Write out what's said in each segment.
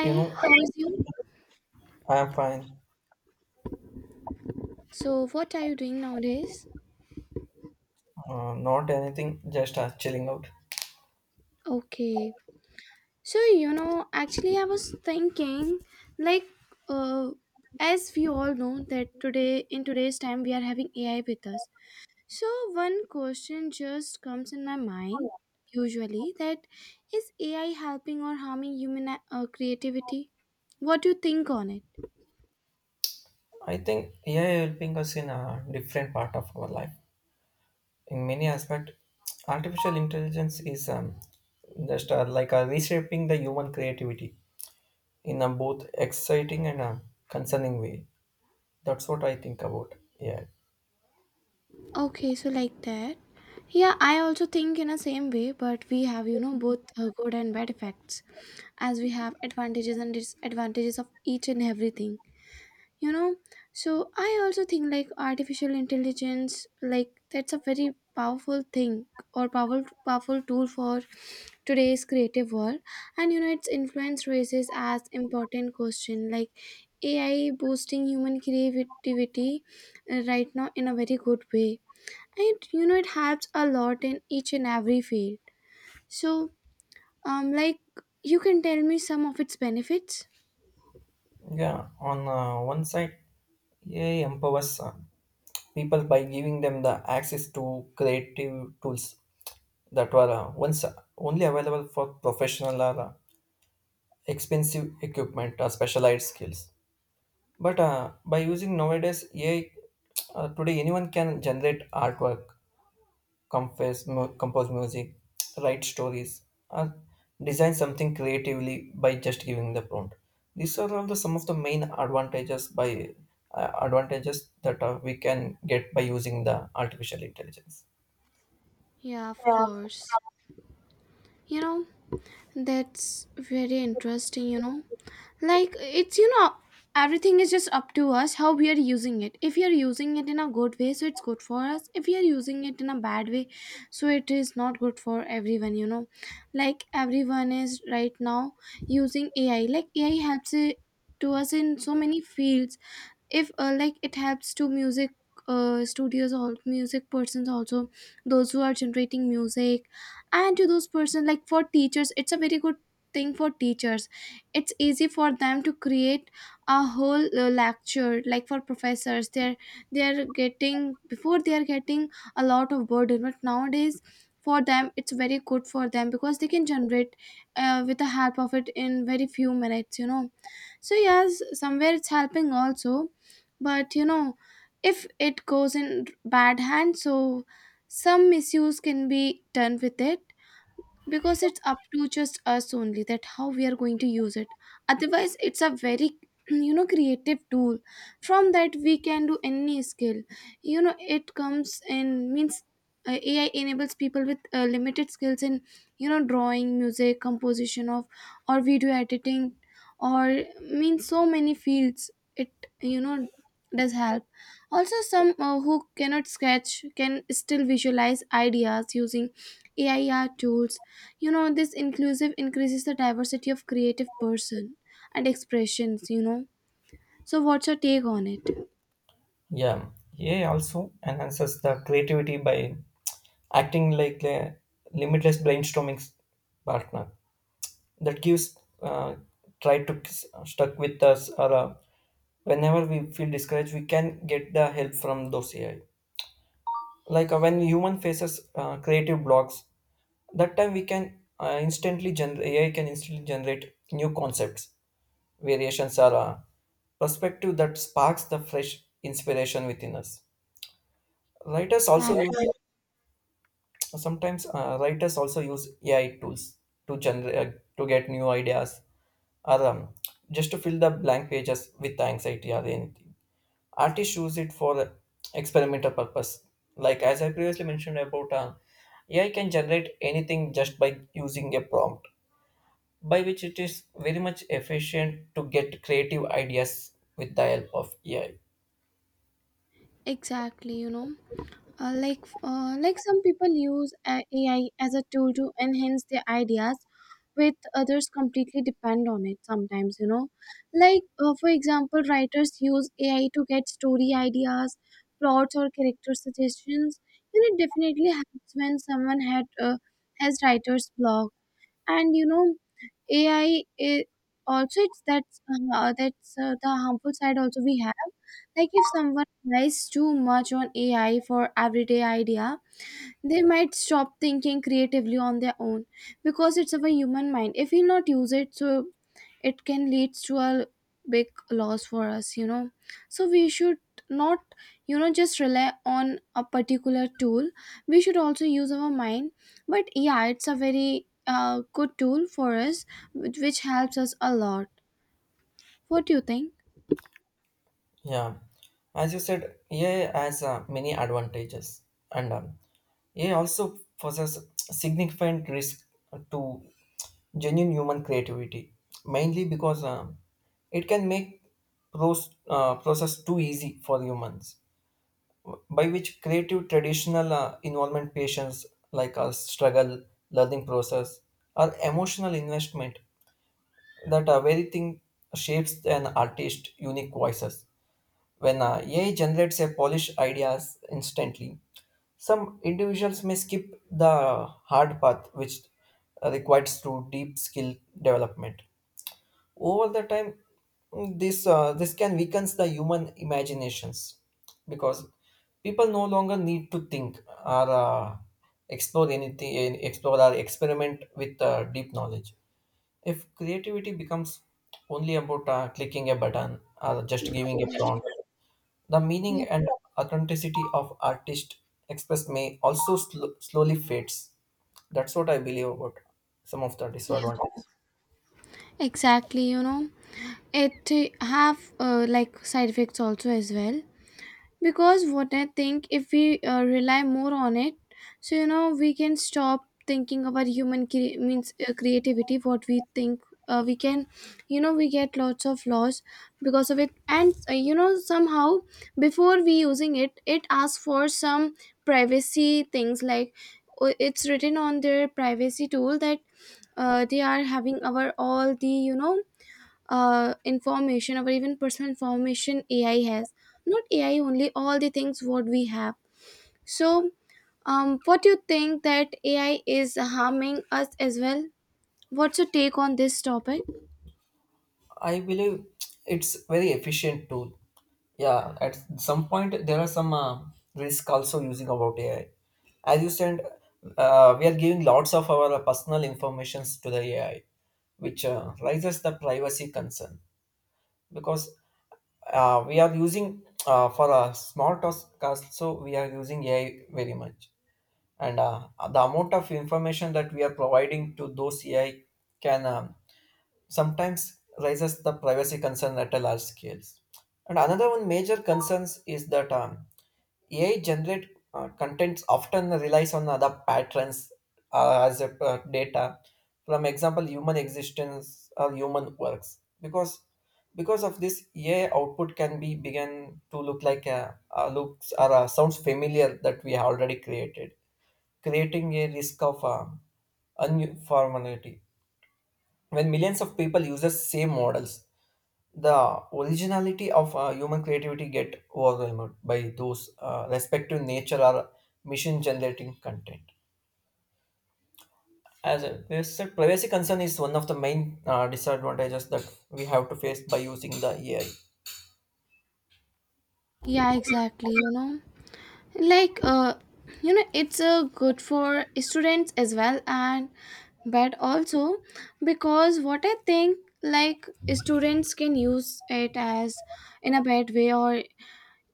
You know, how is you? I'm fine. So, what are you doing nowadays? Not anything, just chilling out. Okay. So, you know, actually, I was thinking, like, uh, as we all know that today, in today's time, we are having AI with us. So, one question just comes in my mind, usually, that is AI helping or harming human creativity? What do you think on it? I think AI helping us in a different part of our life. In many aspects, artificial intelligence is just like reshaping the human creativity in a both exciting and concerning way. That's what I think about AI. Okay, so like that. Yeah, I also think in the same way, but we have, you know, both good and bad effects, as we have advantages and disadvantages of each and everything, you know. So I also think like artificial intelligence, like that's a very powerful thing, or powerful tool for today's creative world. And you know, its influence raises as important question like AI boosting human creativity right now in a very good way. And you know, it helps a lot in each and every field. So, um like you can tell me some of its benefits. Yeah, on one side, AI empowers people by giving them the access to creative tools that were once only available for professional or expensive equipment or specialized skills. But by using nowadays AI, today anyone can generate artwork, compose, compose music, write stories, or design something creatively by just giving the prompt. These are all the some of the main advantages that we can get by using the artificial intelligence. Yeah, of course. You know, that's very interesting, you know. Like, it's, you know, everything is just up to us how we are using it. If we are using it in a good way, so it's good for us. If we are using it in a bad way, so it is not good for everyone, you know. Like, everyone is right now using AI. Like, AI helps it to us in so many fields. If like, it helps to music studios or music persons also, those who are generating music. And to those person, like for teachers, it's a very good thing. For teachers, it's easy for them to create a whole lecture. Like for professors, they're getting a lot of burden, but nowadays for them it's very good for them, because they can generate with the help of it in very few minutes, you know. So yes, somewhere it's helping also. But you know, if it goes in bad hands, so some misuse can be done with it, because it's up to just us only that how we are going to use it. Otherwise it's a very you know, creative tool, from that we can do any skill, you know. It comes in means, AI enables people with limited skills in, you know, drawing, music composition of, or video editing, or means so many fields. It, you know, does help also. Some who cannot sketch can still visualize ideas using AI art tools, you know. This inclusive increases the diversity of creative person and expressions, you know. So what's your take on it? Yeah, AI also enhances the creativity by acting like a limitless brainstorming partner that gives try to stuck with us or whenever we feel discouraged, we can get the help from those AI. Like when human faces creative blocks, that time we can instantly generate AI can instantly generate new concepts, variations or perspective that sparks the fresh inspiration within us. Writers also use Exactly. Sometimes, writers also use AI tools to get new ideas or just to fill the blank pages with anxiety or anything. Artists use it for experimental purpose, like as I previously mentioned about, AI can generate anything just by using a prompt, by which it is very much efficient to get creative ideas with the help of AI. Exactly, you know, like some people use AI as a tool to enhance their ideas, with others completely depend on it sometimes, you know. Like for example, writers use AI to get story ideas, plots, or character suggestions. You know, it definitely helps when someone had has writer's block. And you know, AI i i- also it's that's the harmful side also we have. Like if someone relies too much on AI for everyday idea, they might stop thinking creatively on their own, because it's of a human mind. If we not use it, so it can lead to a big loss for us, you know. So we should not, you know, just rely on a particular tool. We should also use our mind. But yeah, it's a very good tool for us, which helps us a lot. What do you think? Yeah, as you said, AI has many advantages, and AI also possesses significant risk to genuine human creativity, mainly because it can make process too easy for humans, by which creative traditional involvement patients like a struggle, learning process, or emotional investment that are very thing shapes an artist unique voices when AI generates a polished ideas instantly, some individuals may skip the hard path which requires through deep skill development. Over the time, this can weaken the human imaginations, because people no longer need to think or explore anything, explore or experiment with deep knowledge. If creativity becomes only about clicking a button or just giving a prompt, the Yeah, meaning and authenticity of artist expressed may also slowly fades. That's what I believe about some of the disadvantages. exactly, you know. It have like side effects also as well, because what I think, if we rely more on it, so you know, we can stop thinking about human cre- means creativity, what we think. We can, you know, we get lots of laws because of it. And you know, somehow before we using it, it asks for some privacy things. Like it's written on their privacy tool that they are having our all the, you know, information, or even personal information AI has. Not AI only, all the things what we have. So, what do you think that AI is harming us as well? What's your take on this topic? I believe it's very efficient tool. Yeah, at some point there are some risk also using about AI. As you said, we are giving lots of our personal informations to the AI, which raises the privacy concern. Because we are using for a small task, so we are using AI very much, and the amount of information that we are providing to those AI can sometimes raises the privacy concern at a large scales. And another one major concerns is that AI generate contents often relies on other patterns as a data, from example, human existence or human works. Because of this, AI output can be begin to look like a looks or a sounds familiar that we have already created, creating a risk of unformality. When millions of people use the same models, the originality of human creativity get overwhelmed by those respective nature or machine generating content. As a said privacy concern is one of the main disadvantages that we have to face by using the AI. Yeah, exactly. You know, like you know, it's good for students as well, and but also because what I think, like students can use it as in a bad way, or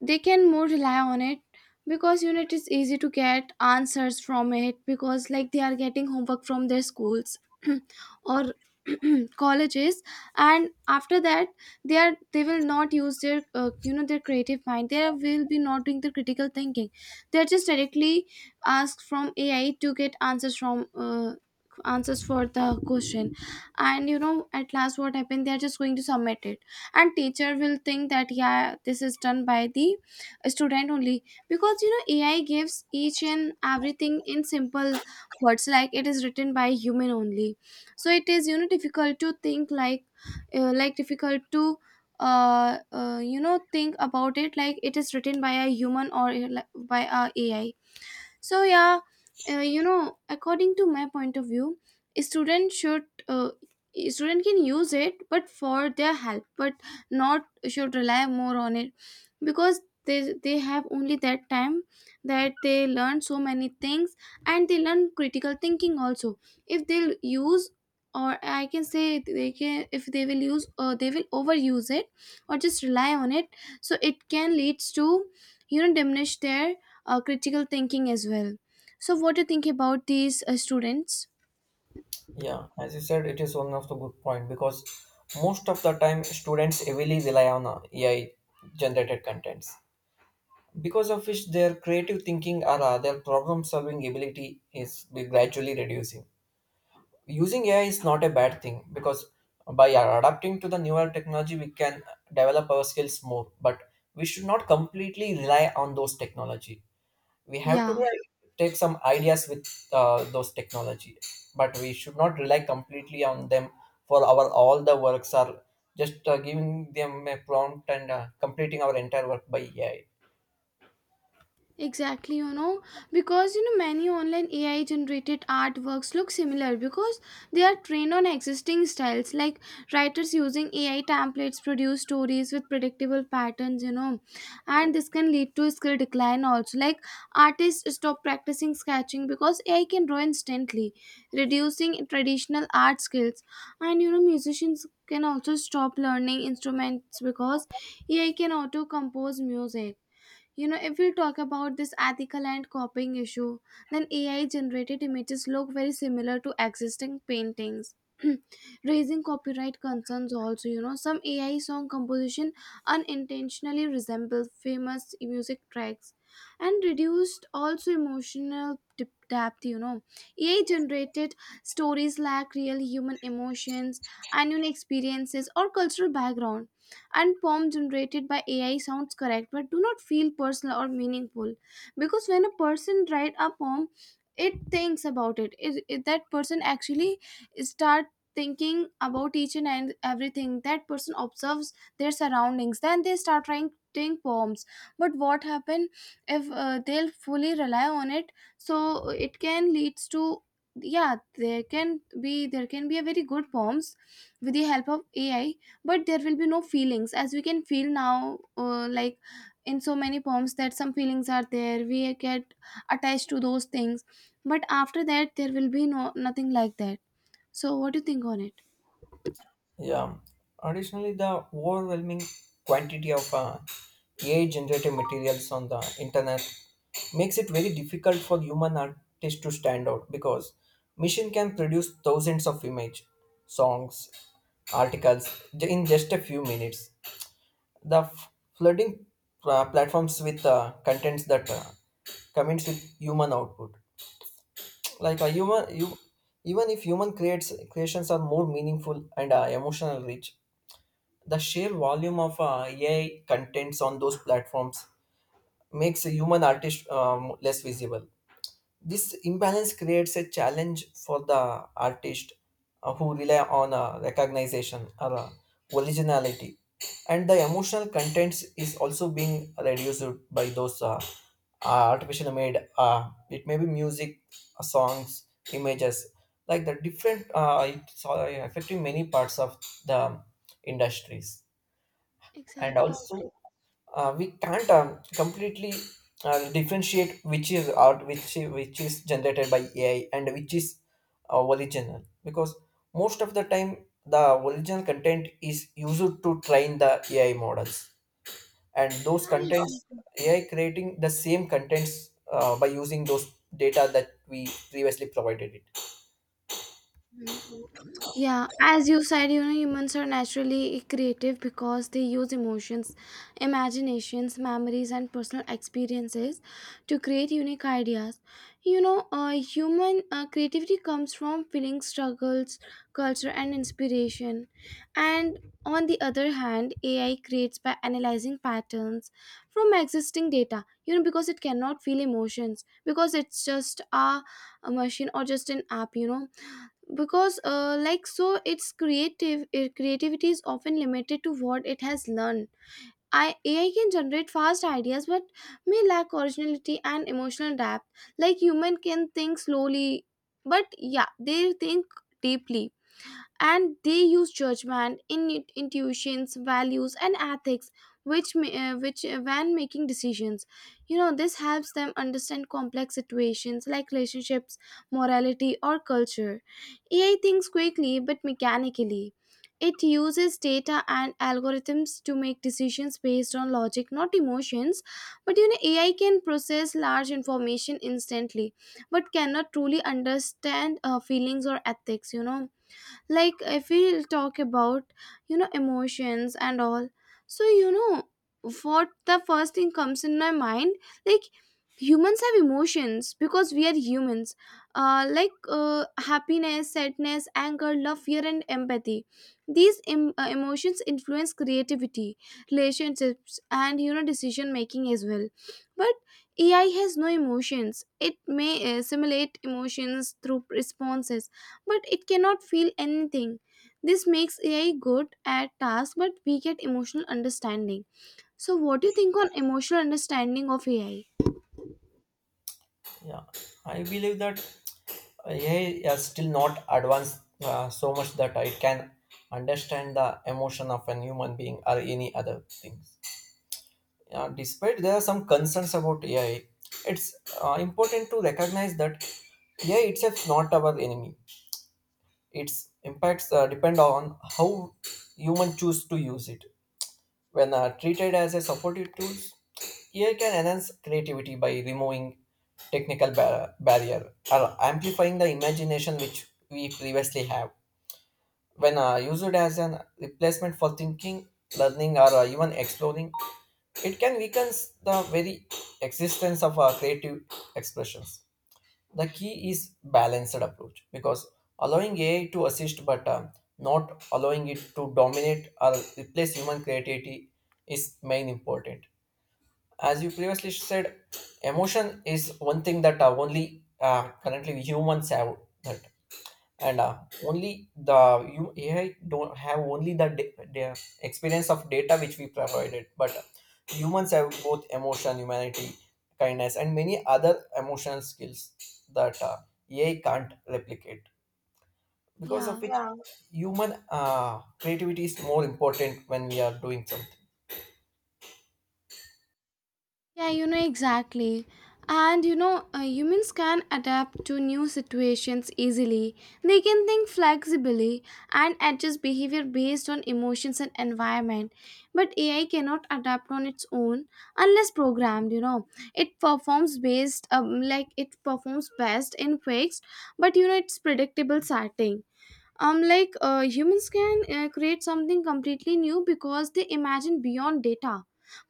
they can more rely on it, because you know it is easy to get answers from it, because like they are getting homework from their schools or colleges. And after that, they will not use their you know, their creative mind. They will be not doing the critical thinking. They are just directly asked from AI to get answers for the question. And you know, at last what happened, they are just going to submit it, and teacher will think that yeah, this is done by the student only. Because you know, AI gives each and everything in simple words, like it is written by human only. So it is, you know, difficult to think like difficult to you know, think about it, like it is written by a human, or like by a AI. So yeah, you know, according to my point of view, a student should uh, a student can use it, but for their help, but not should rely more on it, because they have only that time that they learn so many things, and they learn critical thinking also. If they'll use, or I can say they can, if they will use they will overuse it, or just rely on it, so it can leads to, you know, diminish their critical thinking as well. So what do you think about these students? Yeah, as you said, it is one of the good point, because most of the time students heavily rely on AI generated contents, because of which their creative thinking or their problem solving ability is be gradually reducing. Using AI is not a bad thing, because by adapting to the newer technology, we can develop our skills more. But we should not completely rely on those technology. We have to. Yeah. Right. Take some ideas with those technology, but we should not rely completely on them for our all the works. Are just giving them a prompt and completing our entire work by AI. Exactly, you know, because you know, many online AI generated artworks look similar because they are trained on existing styles. Like writers using AI templates produce stories with predictable patterns, you know, and this can lead to skill decline also. Like artists stop practicing sketching because AI can draw instantly, reducing traditional art skills. And you know, musicians can also stop learning instruments because AI can auto compose music. You know, if we talk about this ethical and copying issue, then AI generated images look very similar to existing paintings raising copyright concerns also. You know, some AI song composition unintentionally resemble famous music tracks. And reduced also emotional depth, you know. AI generated stories lack real human emotions and unique experiences or cultural background. And poem generated by AI sounds correct but do not feel personal or meaningful, because when a person write a poem, it thinks about it. That person actually start thinking about each and everything. That person observes their surroundings, then they start writing poems. But what happen if they'll fully rely on it, so it can leads to, yeah, there can be a very good poems with the help of AI, but there will be no feelings as we can feel now, like in so many poems that some feelings are there, we get attached to those things. But after that, there will be no nothing like that. So what do you think on it? Yeah. Additionally, the overwhelming quantity of AI-generated materials on the internet makes it very difficult for human artists to stand out, because machine can produce thousands of image, songs, articles in just a few minutes. The flooding platforms with contents that comments with human output, like a human you, even if human creates creations are more meaningful and emotional rich, the sheer volume of AI contents on those platforms makes a human artist less visible. This imbalance creates a challenge for the artist who rely on recognition or originality, and the emotional contents is also being reduced by those artificial made. It may be music, songs, images, like the different. It's affecting many parts of the industries, and Exactly. also we can't completely differentiate which is art, which which is generated by AI, and which is original, because most of the time the original content is used to train the AI models, and those contents Mhm. AI creating the same contents by using those data that we previously provided it. Yeah, as you said, you know, humans are naturally creative because they use emotions, imaginations, memories, and personal experiences to create unique ideas. You know, human creativity comes from feelings, struggles, culture, and inspiration. And on the other hand, AI creates by analyzing patterns from existing data, you know, because it cannot feel emotions, because it's just a machine, or just an app, you know. Because like, so it's creativity is often limited to what it has learned. AI can generate fast ideas but may lack originality and emotional depth. Like human can think slowly, but yeah, they think deeply, and they use judgment in intuitions, values, and ethics, which ma- which when making decisions. You know, this helps them understand complex situations like relationships, morality, or culture. AI thinks quickly but mechanically. It uses data and algorithms to make decisions based on logic, not emotions. But you know, AI can process large information instantly, but cannot truly understand feelings or ethics, you know. Like if we talk about, you know, emotions and all, so you know, what the first thing comes in my mind, like humans have emotions because we are humans. Happiness, sadness, anger, love, fear, and empathy. These emotions influence creativity, relationships, and, you know, decision making as well. But AI has no emotions. It may simulate emotions through responses, but it cannot feel anything. This makes AI good at tasks, but weak at emotional understanding. So, what do you think on emotional understanding of AI? Yeah, I believe that AI is still not advanced so much that it can understand the emotion of a human being or any other things. Despite there are some concerns about AI, it's important to recognize that AI itself is not our enemy. Its impacts depend on how human choose to use it. When treated as a supportive tools, AI can enhance creativity by removing technical barrier or amplifying the imagination which we previously have. When used as an replacement for thinking, learning, or even exploring, it can weaken the very existence of our creative expressions. The key is balanced approach, because allowing AI to assist but not allowing it to dominate or replace human creativity is main important. As you previously said, emotion is one thing that only currently humans have. That, and only the you AI don't have only the experience of data which we provided, but humans have both emotion, humanity, kindness, and many other emotional skills that AI can't replicate. Because of Yeah. which, yeah, human creativity is more important when we are doing something. Yeah, you know, exactly. And you know, humans can adapt to new situations easily. They can think flexibly and adjust behavior based on emotions and environment. But AI cannot adapt on its own unless programmed, you know. It performs based like it performs best in fixed, but you know, it's predictable setting. Humans can create something completely new because they imagine beyond data.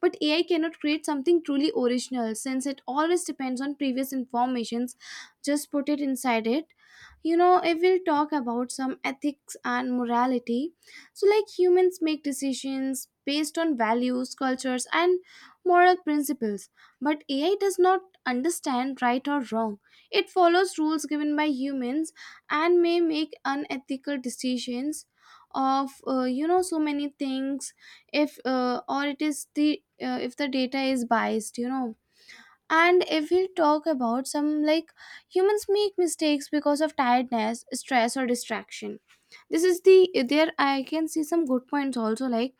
But AI cannot create something truly original, since it always depends on previous informations just put it inside it. You know, if we'll talk about some ethics and morality, so like humans make decisions based on values, cultures, and moral principles. But AI does not understand right or wrong. It follows rules given by humans, and may make unethical decisions of, you know, so many things. If or it is the if the data is biased, you know. And if we talk about some, like humans make mistakes because of tiredness, stress, or distraction. This is the there I can see some good points also, like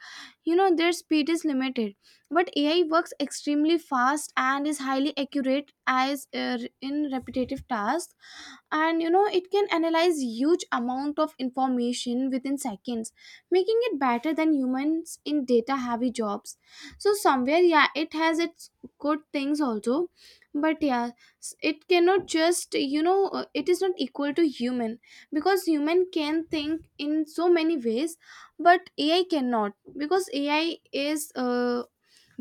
you know, their speed is limited. But AI works extremely fast and is highly accurate as in repetitive tasks. And you know, it can analyze huge amount of information within seconds, making it better than humans in data heavy jobs. So somewhere yeah, it has its good things also. But yeah, it cannot just, you know, it is not equal to human, because human can think in so many ways. But AI cannot, because AI is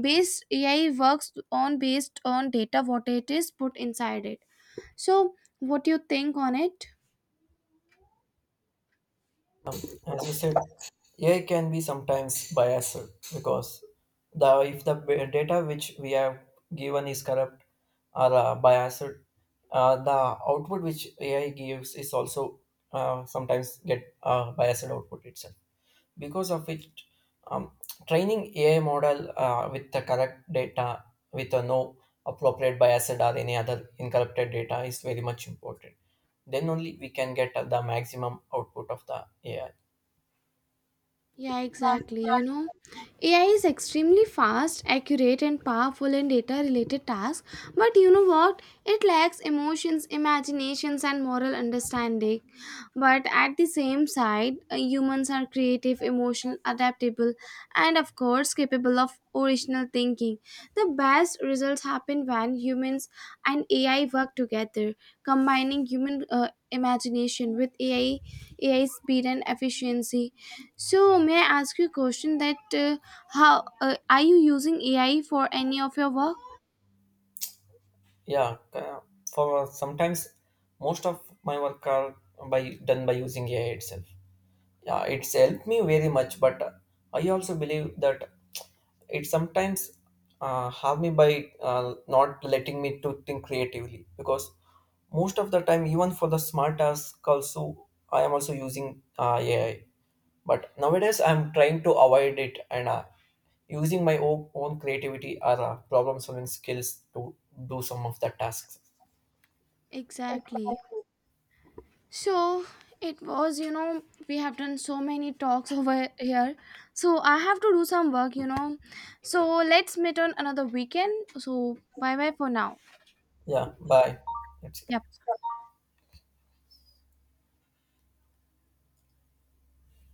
based AI works on based on data what it is put inside it. So, what do you think on it? As you said, AI can be sometimes biased, because the if the data which we have given is corrupt or biased. The output which AI gives is also sometimes get biased output itself. Because of which, um, training AI model with the correct data with a no appropriate biased or any other incorrupted data is very much important. Then only we can get the maximum output of the AI. Yeah, exactly. You know, AI is extremely fast, accurate, and powerful in data related tasks, but you know what? It lacks emotions, imaginations, and moral understanding. But at the same side, humans are creative, emotional, adaptable, and of course capable of original thinking. The best results happen when humans and AI work together, combining human imagination with AI, AI speed and efficiency. So, may I ask you a question? That how are you using AI for any of your work? Yeah, for sometimes most of my work are by done by using AI itself. Yeah, it's helped me very much, but I also believe that it sometimes harm me by not letting me to think creatively, because most of the time even for the smart task also I am also using AI. But nowadays I'm trying to avoid it and using my own creativity or problem solving skills to do some of the tasks. Exactly. So it was, you know, we have done so many talks over here. So I have to do some work, you know. So let's meet on another weekend. So bye bye for now. Yeah, bye. That's it. Yep.